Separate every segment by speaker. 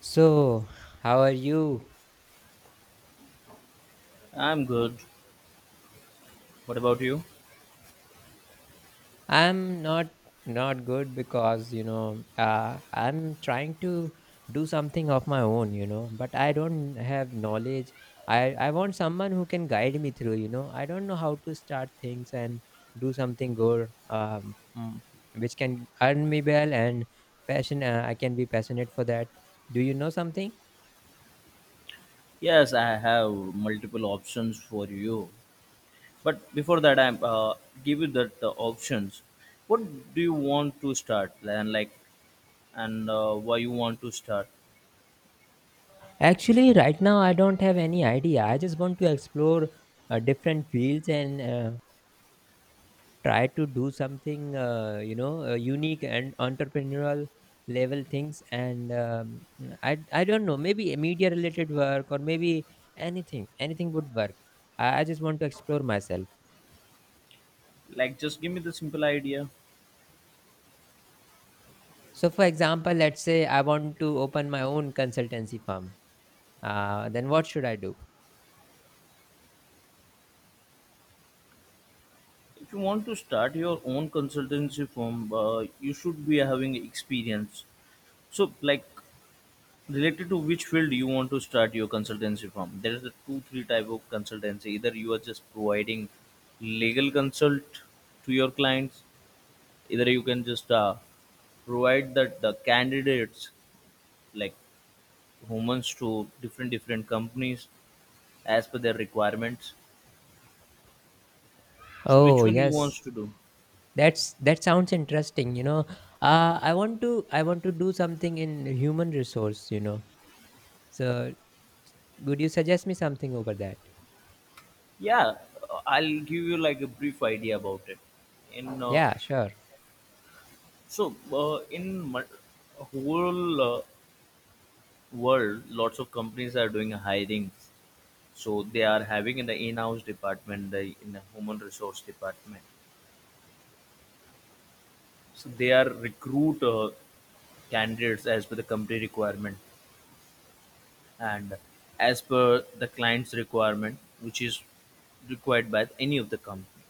Speaker 1: So, how are you?
Speaker 2: I'm good. What about you?
Speaker 1: I'm not good because I'm trying to do something of my own, but I don't have knowledge. I want someone who can guide me through. I don't know how to start things and do something good, which can earn me well and passion. I can be passionate for that. Do you know something?
Speaker 2: Yes, I have multiple options for you. But before that, I'm give you that options. What do you want to start and like, and why you want to start?
Speaker 1: Actually, right now I don't have any idea. I just want to explore different fields and try to do something unique and entrepreneurial level things and I don't know, maybe a media related work or maybe anything would work. I just want to explore myself.
Speaker 2: Like, just give me the simple idea.
Speaker 1: So, for example, let's say I want to open my own consultancy firm. Then what should I do?
Speaker 2: If you want to start your own consultancy firm, you should be having experience. So, like, related to which field you want to start your consultancy from. There is a two three type of consultancy, either you are just providing legal consult to your clients, either you can just provide that the candidates, like humans, to different different companies as per their requirements. So
Speaker 1: Oh,
Speaker 2: which one you
Speaker 1: yes.
Speaker 2: wants to do?
Speaker 1: That sounds interesting. I want to do something in human resource, so would you suggest me something over that?
Speaker 2: Yeah, I'll give you like a brief idea about it in
Speaker 1: Yeah, sure.
Speaker 2: in whole world. Lots of companies are doing hiring, so they are having in the in-house department, the in the human resource department. So they are recruit candidates as per the company requirement and as per the client's requirement, which is required by any of the company.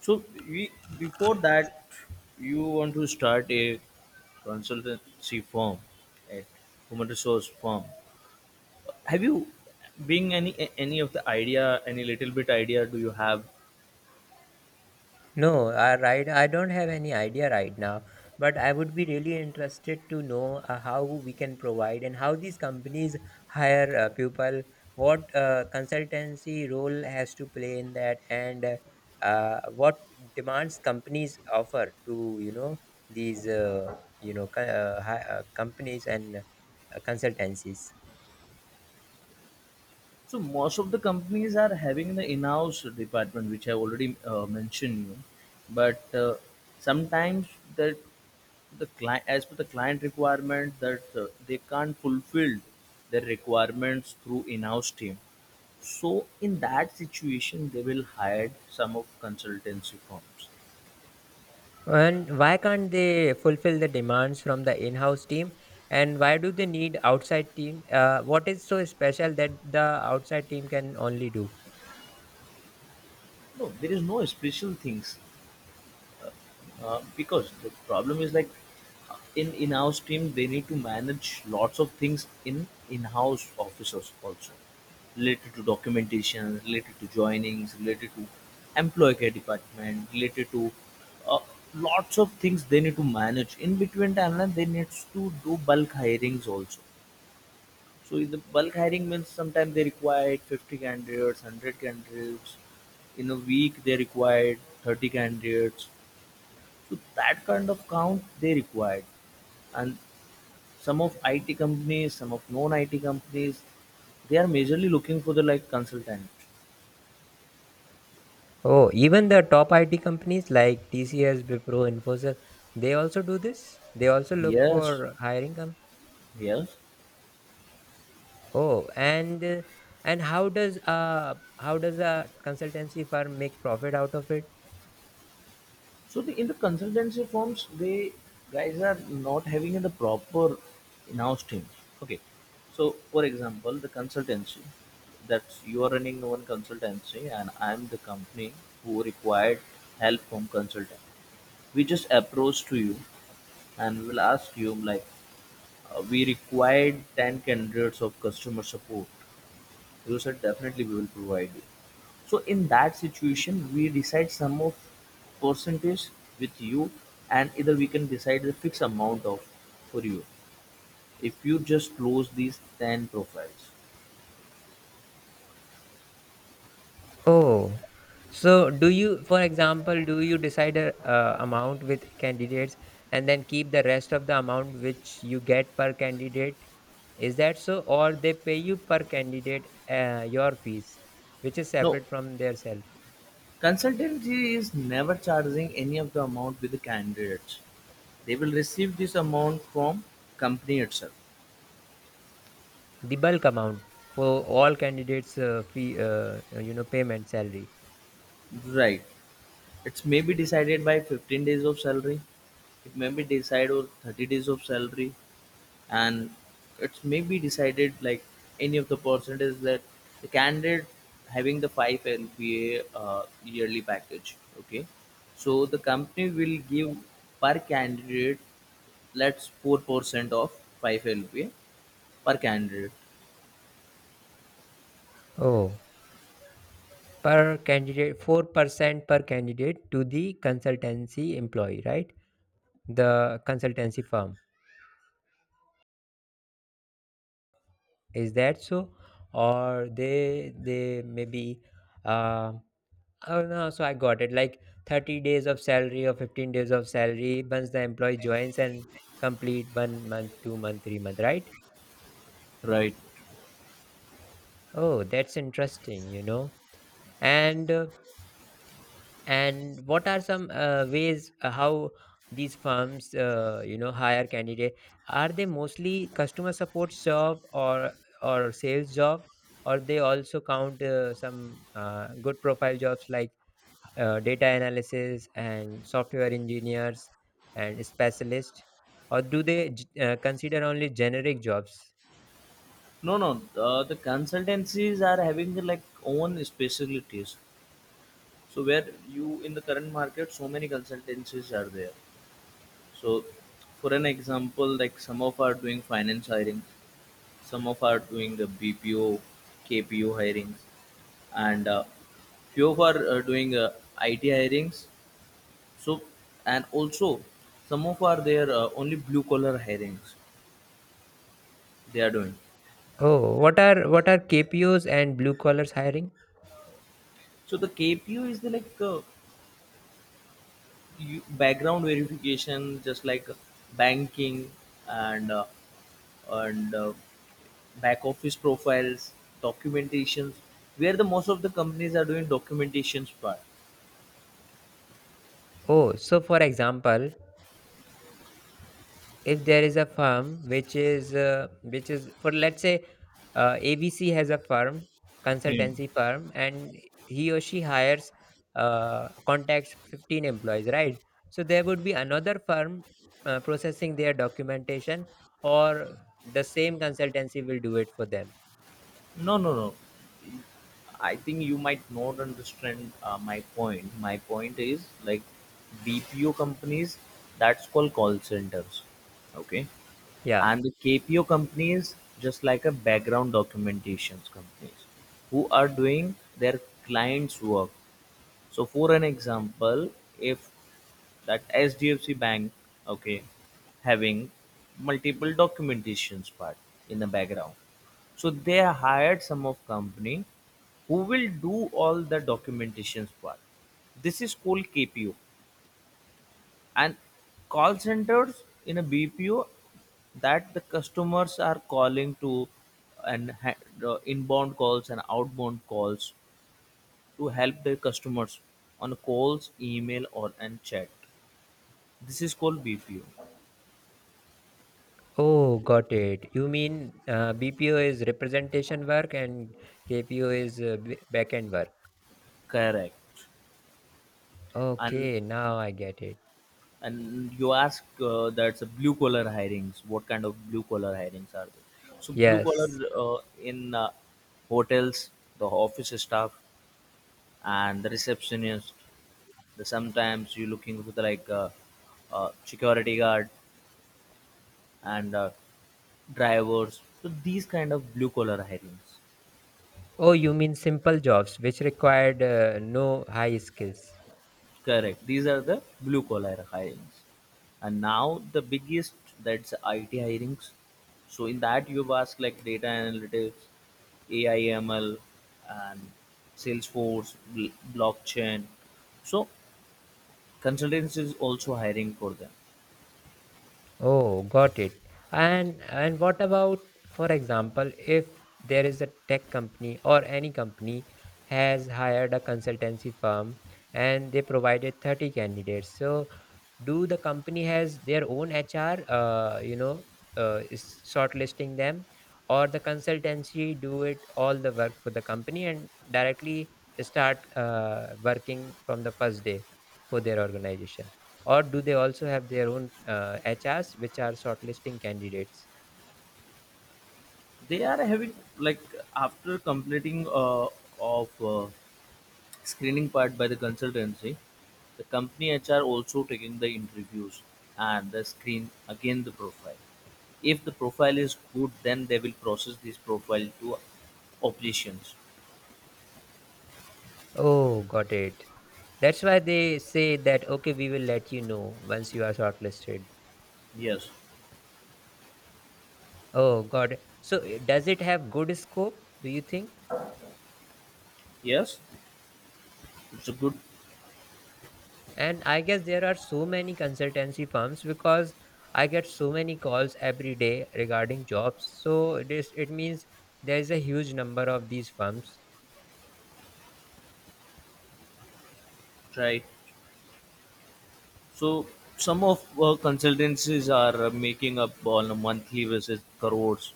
Speaker 2: So we, before that, you want to start a consultancy firm, a human resource firm. Have you being any of the idea, any little bit idea do you have?
Speaker 1: No, I right. I don't have any idea right now, but I would be really interested to know how we can provide and how these companies hire people. What consultancy role has to play in that, and what demands companies offer to these companies and consultancies.
Speaker 2: So most of the companies are having the in-house department, which I already mentioned you. But sometimes that the client, as per the client requirement that they can't fulfill their requirements through in-house team, so in that situation they will hire some of consultancy firms.
Speaker 1: And why can't they fulfill the demands from the in-house team? And why do they need outside team? What is so special that the outside team can only do?
Speaker 2: No, there is no special things. Because the problem is like in in-house team they need to manage lots of things in in-house officers also, related to documentation, related to joinings, related to employee care department, related to uh, lots of things they need to manage in between timeline. They need to do bulk hirings also. So in the bulk hiring means sometimes they required 50 candidates, 100 candidates. In a week they required 30 candidates. So that kind of count they required. And some of IT companies, some of non-IT companies, they are majorly looking for the like consultant.
Speaker 1: Oh, even the top IT companies like TCS, Wipro, Infosys, they also do this. They also look
Speaker 2: Yes,
Speaker 1: for hiring.
Speaker 2: yes.
Speaker 1: Oh, and how does a consultancy firm make profit out of it?
Speaker 2: So the, in the consultancy firms, they guys are not having the proper in-house team. Okay. So for example, the consultancy that you are running one consultancy and I'm the company who required help from consultant. We just approach to you and we'll ask you like, we required 10 candidates of customer support. You said definitely we will provide you. So in that situation, we decide some of percentage with you, and either we can decide the fixed amount of for you if you just close these 10 profiles.
Speaker 1: Oh, so for example, do you decide a amount with candidates and then keep the rest of the amount which you get per candidate? Is that so? Or they pay you per candidate your fees, which is
Speaker 2: No,
Speaker 1: separate from their salary?
Speaker 2: consultancy is never charging any of the amount with the candidates. They will receive this amount from company itself.
Speaker 1: The bulk amount for all candidates' fee, payment salary.
Speaker 2: Right. It may be decided by 15 days of salary. It may be decided or 30 days of salary, and it may be decided like any of the percentage that the candidate having the 5 LPA yearly package. Okay, so the company will give per candidate, let's 4% of 5 LPA per candidate.
Speaker 1: Oh. Per candidate 4% per candidate to the consultancy employee, right? The consultancy firm, is that so? Or they maybe uh, oh no, so I got it, like 30 days of salary or 15 days of salary once the employee joins and complete 1 month, 2 month, 3 month, right?
Speaker 2: Right.
Speaker 1: Oh, that's interesting. And and what are some ways how these firms hire candidate? Are they mostly customer support job or sales job, or they also count some good profile jobs like data analysis and software engineers and specialists, or do they consider only generic jobs?
Speaker 2: No, no, the consultancies are having like own specialties. So where you in the current market, so many consultancies are there. So for an example, like some of are doing finance hirings, some of are doing the BPO, KPO hirings, and few of are doing IT hirings. So and also some of are there only blue collar hirings they are doing.
Speaker 1: Oh, what are KPOs and blue collars hiring?
Speaker 2: So the KPO is the like you, background verification, just like banking and uh, and back-office profiles, documentations, where the most of the companies are doing documentations part.
Speaker 1: Oh, so for example, if there is a firm which is for, let's say, ABC has a firm
Speaker 2: Yeah.
Speaker 1: consultancy firm and he or she hires contacts 15 employees, right? So there would be another firm processing their documentation, or the same consultancy will do it for them?
Speaker 2: No, no, no. I think you might not understand my point. My point is like BPO companies, that's called call centers. Okay.
Speaker 1: Yeah.
Speaker 2: And the KPO companies, just like a background documentations companies who are doing their clients' work. So, for an example, if that HDFC Bank, okay, having multiple documentations part in the background. So they hired some of company who will do all the documentations part. This is called KPO, and call centers in a BPO that the customers are calling to and the inbound calls and outbound calls to help their customers on calls, email, or and chat. This is called BPO.
Speaker 1: Oh, got it. You mean BPO is representation work and KPO is backend work.
Speaker 2: Correct. And
Speaker 1: Okay, now I get it.
Speaker 2: and you ask that's a blue collar hirings. What kind of blue collar hirings are there? So blue collar
Speaker 1: Yes.
Speaker 2: in hotels, the office staff, and the receptionist. The sometimes you're looking for the, like security guard and drivers. So these kind of blue collar hirings.
Speaker 1: Oh, you mean simple jobs which required no high skills.
Speaker 2: Correct. These are the blue collar hirings. And now the biggest that's IT hirings. So in that you've asked like data analytics, AI ML and Salesforce, blockchain. So consultants is also hiring for them.
Speaker 1: Oh, got it. And what about, for example, if there is a tech company or any company has hired a consultancy firm and they provided 30 candidates? So do the company has their own HR is shortlisting them, or the consultancy do it all the work for the company and directly start working from the first day for their organization, or do they also have their own HRs which are shortlisting candidates?
Speaker 2: They are having like after completing of screening part by the consultancy. The company HR also taking the interviews and the screen again the profile. If the profile is good, then they will process this profile to operations.
Speaker 1: Oh, got it. That's why they say that, okay, we will let you know once you are shortlisted.
Speaker 2: Yes,
Speaker 1: Oh, got it. So does it have good scope, do you think?
Speaker 2: yes, it's a good
Speaker 1: And I guess there are so many consultancy firms because I get so many calls every day regarding jobs. So it means there is a huge number of these firms.
Speaker 2: try. So some of consultancies are making up on a monthly basis crores,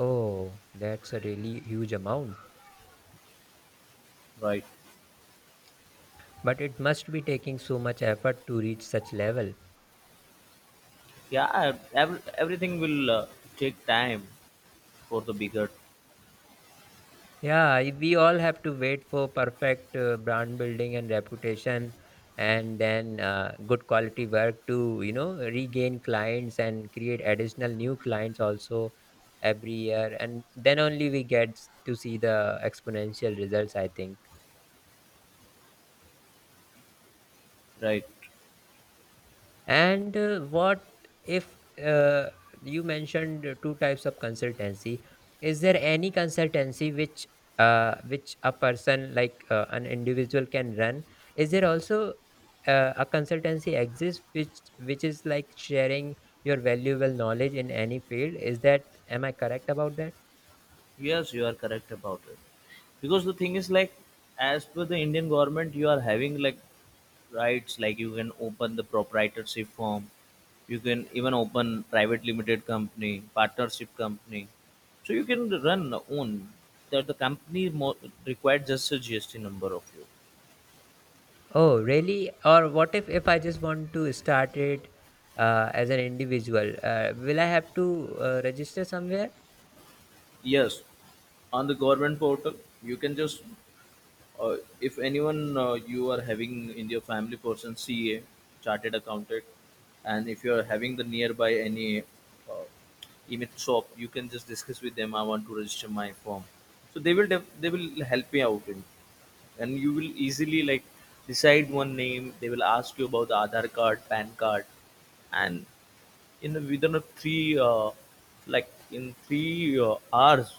Speaker 1: Oh, that's a really huge amount.
Speaker 2: right?
Speaker 1: But it must be taking so much effort to reach such level.
Speaker 2: Yeah, everything will take time for the bigger,
Speaker 1: Yeah, we all have to wait for perfect brand building and reputation, and then good quality work to regain clients and create additional new clients also every year, and then only we get to see the exponential results. I think.
Speaker 2: right?
Speaker 1: And what if uh, you mentioned two types of consultancy? Is there any consultancy which a person, like an individual, can run? Is there also a consultancy exists which is like sharing your valuable knowledge in any field? Is that am I correct about that?
Speaker 2: Yes, you are correct about it. Because the thing is like, as per the Indian government you are having like rights. Like, you can open the proprietorship firm, you can even open private limited company, partnership company. So you can run own that the company required just a GST number of you.
Speaker 1: Oh, really? Or what if I just want to start it as an individual? Will I have to register somewhere?
Speaker 2: Yes, on the government portal you can just if anyone you are having in your family person ca chartered accountant, and if you are having the nearby any uh, image shop, you can just discuss with them I want to register my form, so they will they will help me out in, and you will easily like decide one name. They will ask you about the aadhar card pan card, and in within a three like in three hours.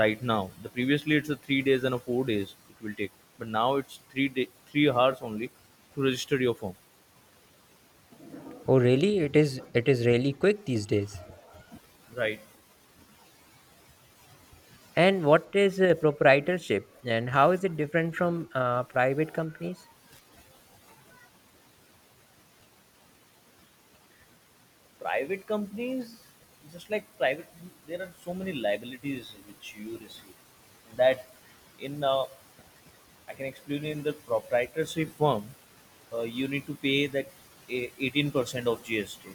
Speaker 2: Right now, the previously it's a 3 days and a 4 days it will take, but now it's 3 day 3 hours only to register your firm.
Speaker 1: Oh, really? It is really quick these days.
Speaker 2: Right.
Speaker 1: And what is proprietorship, and how is it different from private companies?
Speaker 2: Private companies, just like private, there are so many liabilities which you receive that in I can explain. In the proprietorship firm, you need to pay that 18% of GST.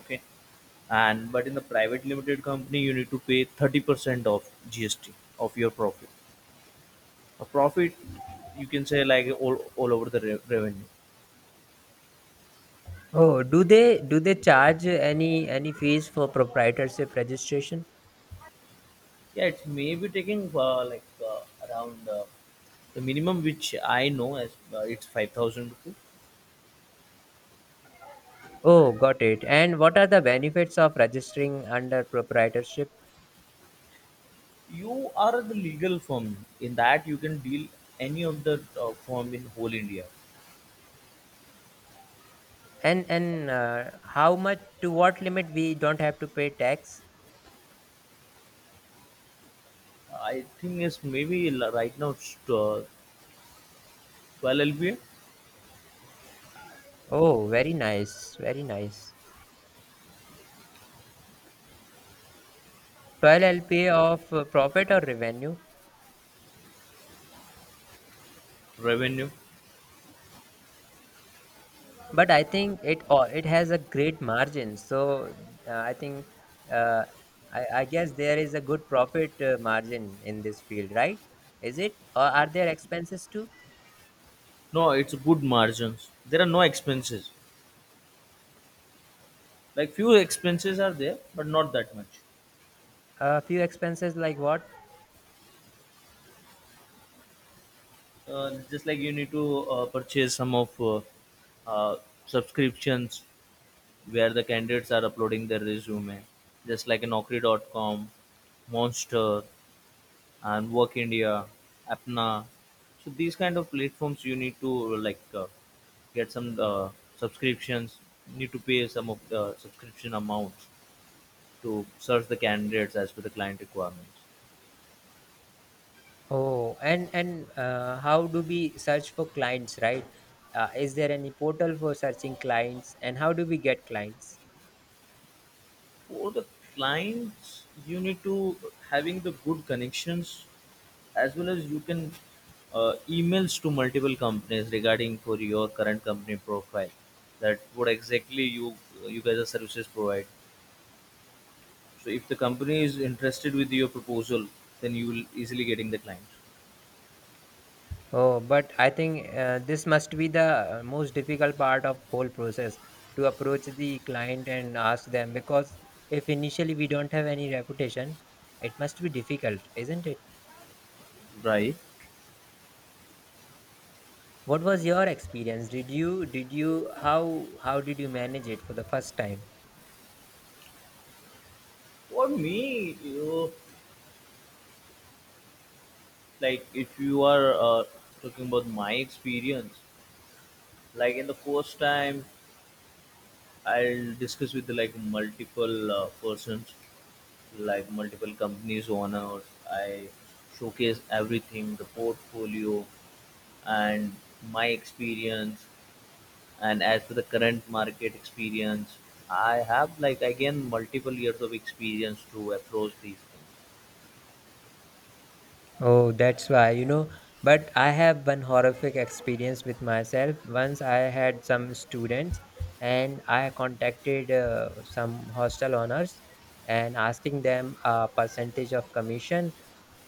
Speaker 2: Okay. And but in the private limited company, you need to pay 30% of GST of your profit. A profit, you can say like all over the revenue.
Speaker 1: Oh, do they charge any fees for proprietorship registration?
Speaker 2: Yeah, it's maybe taking like around the minimum which I know as it's 5,000 rupees.
Speaker 1: Oh, got it. And what are the benefits of registering under proprietorship?
Speaker 2: You are the legal firm. In that, you can deal any of the firm in whole India.
Speaker 1: And how much to what limit we don't have to pay tax?
Speaker 2: I think it's maybe right now it's 12 LBA
Speaker 1: Oh, very nice, very nice. Well, I'll pay of profit or revenue,
Speaker 2: revenue.
Speaker 1: but I think it has a great margin. So I think uh, I guess there is a good profit margin in this field, right? Is it? Or are there expenses too?
Speaker 2: No, it's good margins. There are no expenses. Like few expenses are there, but not that much.
Speaker 1: A few expenses like what?
Speaker 2: Just like you need to purchase some of uh, subscriptions where the candidates are uploading their resume, just like Naukri.com, Monster and Work India, Apna. So these kind of platforms you need to like get some subscriptions. Need to pay some of the subscription amounts to search the candidates as per the client requirements.
Speaker 1: Oh, and how do we search for clients, right? Is there any portal for searching clients, and how do we get clients?
Speaker 2: For the clients, you need to having the good connections, as well as you can emails to multiple companies regarding for your current company profile, that what exactly you guys are services provide. So if the company is interested with your proposal, then you will easily getting the client,
Speaker 1: Oh, but I think this must be the most difficult part of whole process to approach the client and ask them, because if initially we don't have any reputation, it must be difficult, isn't it?
Speaker 2: right?
Speaker 1: What was your experience? Did you how did you manage it for the first time?
Speaker 2: For me, you know, like if you are talking about my experience, like in the first time, I'll discuss with like multiple persons, like multiple companies owners. I showcase everything, the portfolio, and my experience, and as for the current market experience I have like again multiple years of experience to approach these things.
Speaker 1: Oh, that's why. But I have one horrific experience with myself. Once I had some students and I contacted some hostel owners and asking them a percentage of commission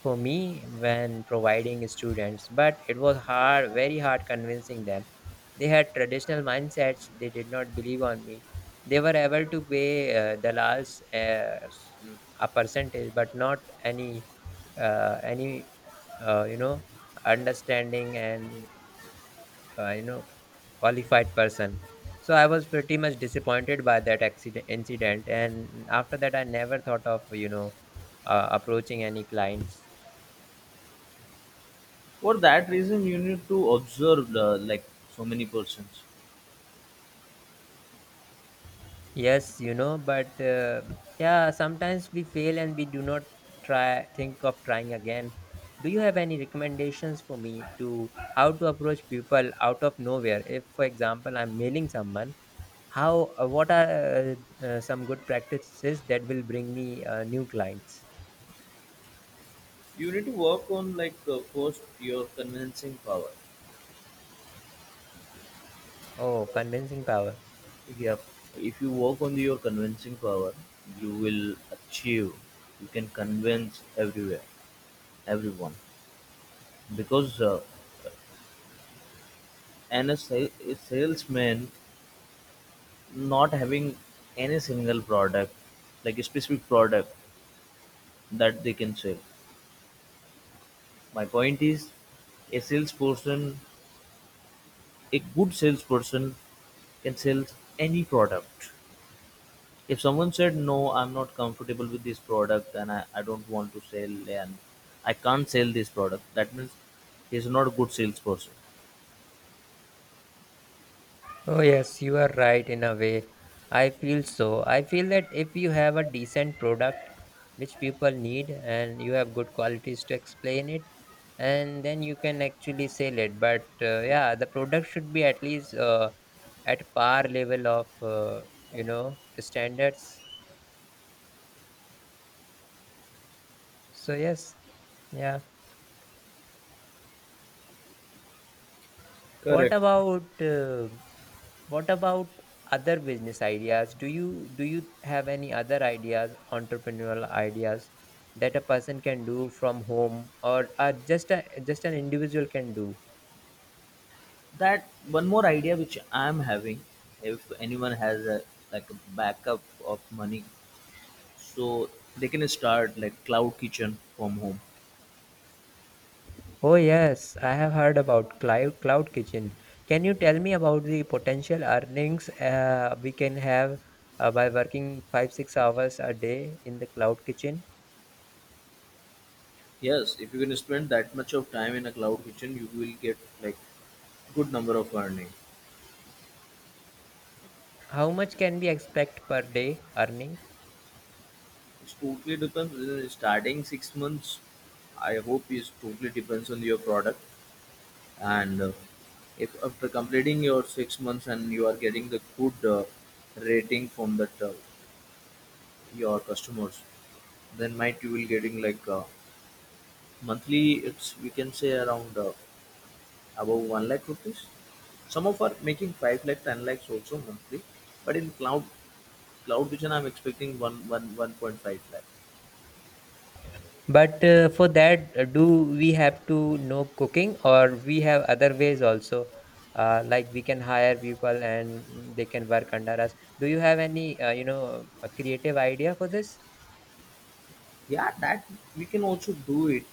Speaker 1: for me when providing students, but it was hard, very hard, convincing them. They had traditional mindsets. They did not believe on me. They were able to pay dalals a percentage, but not any uh, you know understanding and uh, you know qualified person. So I was pretty much disappointed by that accident incident, and after that I never thought of, approaching any clients.
Speaker 2: For that reason, you need to observe like so many persons.
Speaker 1: Yes, but yeah, sometimes we fail and we do not try think of trying again. Do you have any recommendations for me to how to approach people out of nowhere? If, for example, I'm mailing someone, how what are some good practices that will bring me new clients?
Speaker 2: You need to work on like first your convincing power.
Speaker 1: Oh, convincing power.
Speaker 2: Yeah. If you work on your convincing power, you will achieve, you can convince everywhere, everyone. Because and a salesman not having any single product, like a specific product that they can sell. My point is, a salesperson, a good salesperson, can sell any product. If someone said, "No, I'm not comfortable with this product, and I don't want to sell and I can't sell this product," that means he's not a good salesperson.
Speaker 1: Oh, yes, you are right in a way. I feel so. I feel that if you have a decent product which people need and you have good qualities to explain it, and then you can actually sell it. But yeah, the product should be at least at par level of, standards. So, yes, yeah. What
Speaker 2: Correct.
Speaker 1: about what about other business ideas? Do you have any other ideas, entrepreneurial ideas that a person can do from home or just an individual can do?
Speaker 2: That one more idea which I'm having: if anyone has a like a backup of money, so they can start like cloud kitchen from home.
Speaker 1: Oh yes, I have heard about cloud kitchen. Can you tell me about the potential earnings we can have by working 5 6 hours a day in the cloud kitchen?
Speaker 2: Yes, if you can spend that much of time in a cloud kitchen you will get like good number of earning.
Speaker 1: How much can we expect per day earning?
Speaker 2: It's totally depends starting 6 months, I hope, is totally depends on your product. And if after completing your 6 months and you are getting the good rating from that your customers, then might you will getting like monthly it's we can say around above 1 lakh rupees. Some of are making 5 lakh, 10 lakhs also monthly. But in cloud vision, I'm expecting 1.5 lakh.
Speaker 1: But for that, do we have to know cooking, or we have other ways also? Like we can hire people and they can work under us. Do you have any a creative idea for this?
Speaker 2: Yeah, that we can also do it.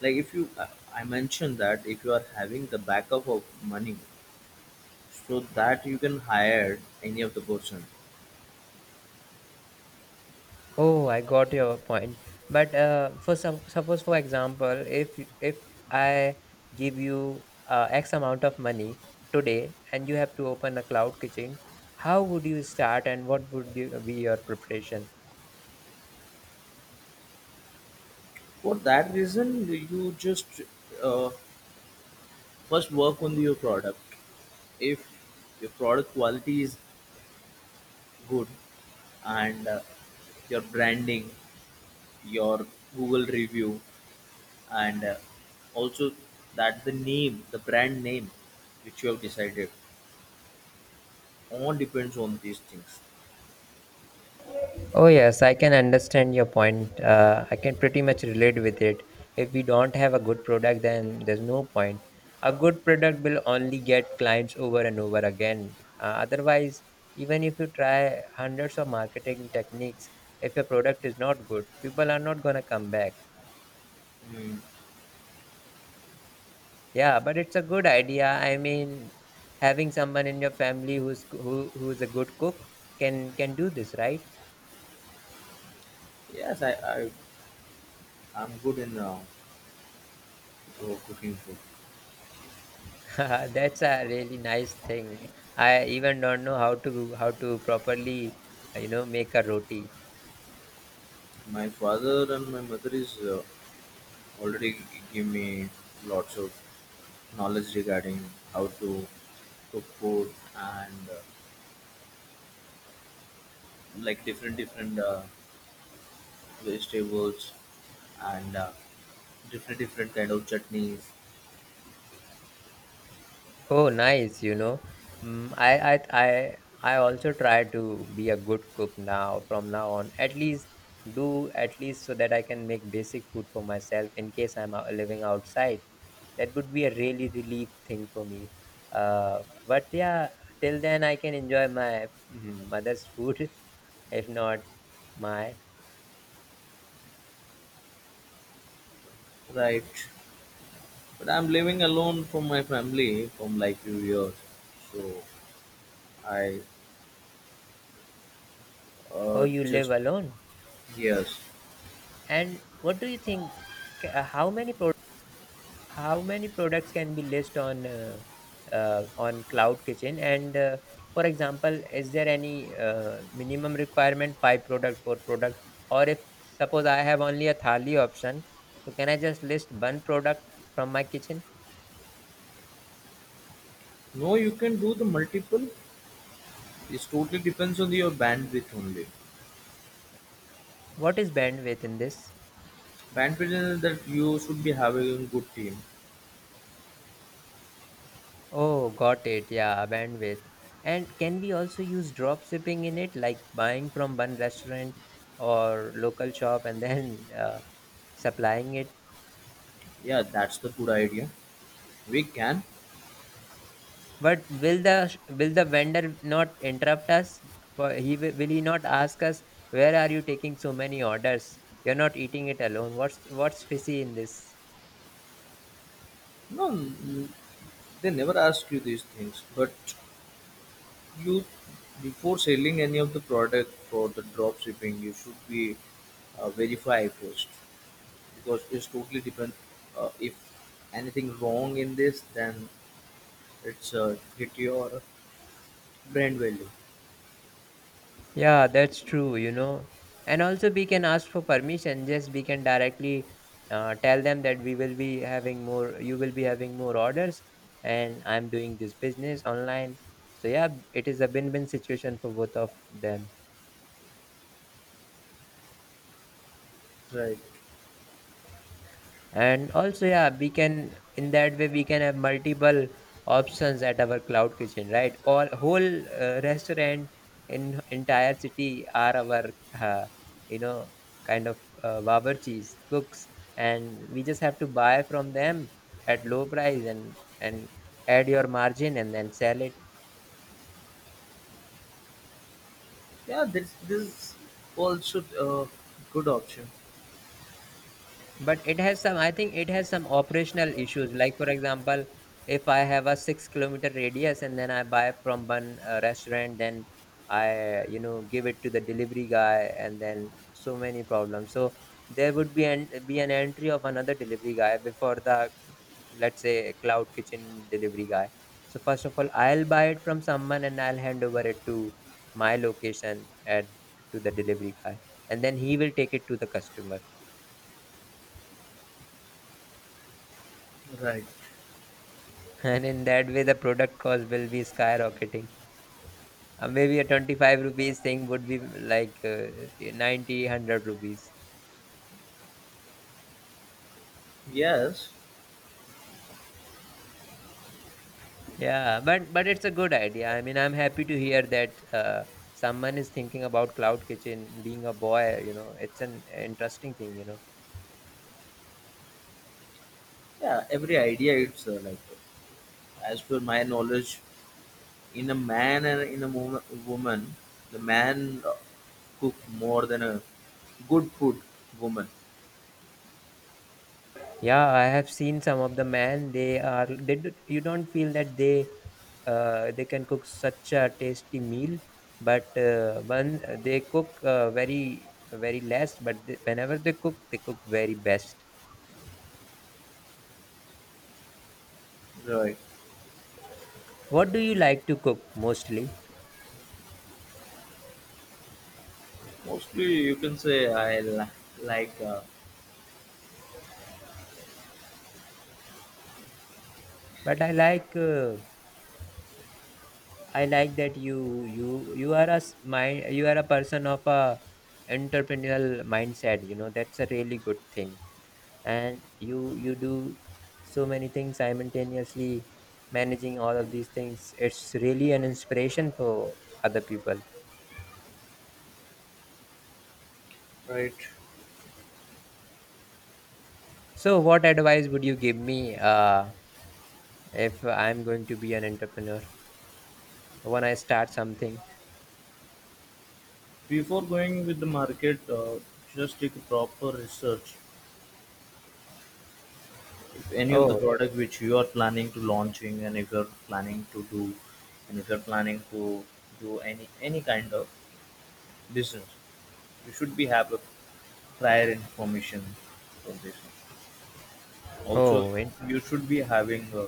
Speaker 2: Like if you, I mentioned that if you are having the backup of money, so that you can hire any of the person.
Speaker 1: Oh, I got your point. But for suppose, for example, if I give you X amount of money today, and you have to open a cloud kitchen, how would you start, and what would you, be your preparation?
Speaker 2: For that reason, you just uh, first work on your product. If your product quality is good, and your branding, your Google review, and also that the name, the brand name, which you have decided, all depends on these things.
Speaker 1: Oh, yes, I can understand your point. I can pretty much relate with it. If we don't have a good product, then there's no point. A good product will only get clients over and over again. Otherwise, even if you try hundreds of marketing techniques, if your product is not good, people are not going to come back.
Speaker 2: Mm,
Speaker 1: Yeah, but it's a good idea. I mean, having someone in your family who's a good cook can do this, right?
Speaker 2: yes, I'm good in cooking food.
Speaker 1: That's a really nice thing. I even don't know how to properly, make a roti.
Speaker 2: My father and my mother is already give me lots of knowledge regarding how to cook food and like different different vegetables and different different kind of chutneys,
Speaker 1: Oh, nice. Mm, I I I I also try to be a good cook now from now on. At least do at least so that I can make basic food for myself in case I'm living outside. That would be a really relief thing for me. But yeah, till then I can enjoy my mother's food. If not, my
Speaker 2: right? But I'm living alone from my family from like few years. So I
Speaker 1: Oh, you live
Speaker 2: just
Speaker 1: alone.
Speaker 2: yes.
Speaker 1: And what do you think? ca- How many pro- how many products can be listed on Cloud Kitchen? And For example, is there any minimum requirement, five product, four product, or if suppose I have only a thali option, so can I just list one product from my kitchen?
Speaker 2: No, you can do the multiple. It totally depends on your bandwidth only.
Speaker 1: What is bandwidth in this?
Speaker 2: Bandwidth is that you should be having a good team.
Speaker 1: Oh, got it. Yeah, bandwidth. And can we also use drop shipping in it, like buying from one restaurant or local shop and then supplying it?
Speaker 2: Yeah, that's the good idea. We can.
Speaker 1: But will the vendor not interrupt us? For He will he not ask us where are you taking so many orders? You're not eating it alone. What's fishy in this?
Speaker 2: No, they never ask you these things. But you, before selling any of the product for the drop shipping, you should be verify first because it's totally different. If anything wrong in this, then it's hit your brand value.
Speaker 1: Yeah, that's true. And also, we can ask for permission. Just we can directly tell them that we will be having more, you will be having more orders, and I'm doing this business online. So, yeah, it is a win win situation for both of them.
Speaker 2: Right.
Speaker 1: And also, yeah, we can, in that way we can have multiple options at our cloud kitchen, right? Or whole restaurant in entire city are our uh, you know kind of bawarchis, cooks, and we just have to buy from them at low price and add your margin and then sell it.
Speaker 2: Yeah, this also a good option.
Speaker 1: But it has some, I think it has some operational issues. Like, for example, if I have a 6 km radius and then I buy from one restaurant, then I, give it to the delivery guy, and then so many problems. So there would be an entry of another delivery guy before the, let's say, cloud kitchen delivery guy. So first of all, I'll buy it from someone and I'll hand over it to my location, at to the delivery guy, and then he will take it to the customer.
Speaker 2: Right.
Speaker 1: And in that way, the product cost will be skyrocketing. Maybe a 25 rupees thing would be like 90, 100 rupees.
Speaker 2: Yes,
Speaker 1: Yeah, but it's a good idea. I mean, I'm happy to hear that someone is thinking about cloud kitchen being a boy. It's an interesting thing.
Speaker 2: yeah, every idea it's like as per my knowledge, in a man and in a woman, the man cook more than a good food woman.
Speaker 1: Yeah, I have seen some of the man. They do, you don't feel that they can cook such a tasty meal, but when they cook very very less. But they, whenever they cook very best.
Speaker 2: Right.
Speaker 1: What do you like to cook mostly?
Speaker 2: Mostly, you can say I like
Speaker 1: But I like that you are a person of a entrepreneurial mindset. You know that's a really good thing. And you do so many things simultaneously, managing all of these things. It's really an inspiration for other people.
Speaker 2: Right.
Speaker 1: So what advice would you give me, if I'm going to be an entrepreneur, when I start something?
Speaker 2: Before going with the market, just take a proper research. If any of the
Speaker 1: Oh.
Speaker 2: product which you are planning to launching, and if you're planning to do, and if you're planning to do any kind of business, you should be have a prior information for this. Also,
Speaker 1: oh in-
Speaker 2: you should be having a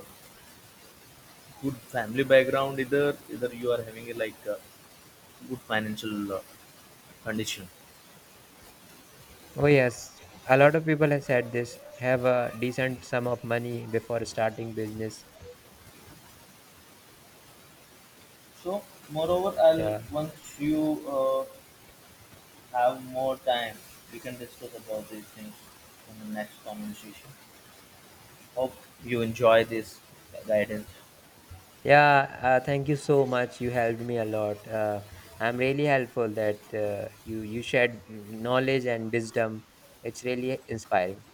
Speaker 2: good family background. Either you are having a like a good financial condition.
Speaker 1: oh yes, a lot of people have said this, have a decent sum of money before starting business.
Speaker 2: So, moreover, I'll
Speaker 1: Yeah.
Speaker 2: once you have more time, we can discuss about these things in the next conversation. Hope you enjoy this guidance.
Speaker 1: Yeah, thank you so much. You helped me a lot. I'm really helpful that you shared knowledge and wisdom. It's really inspiring.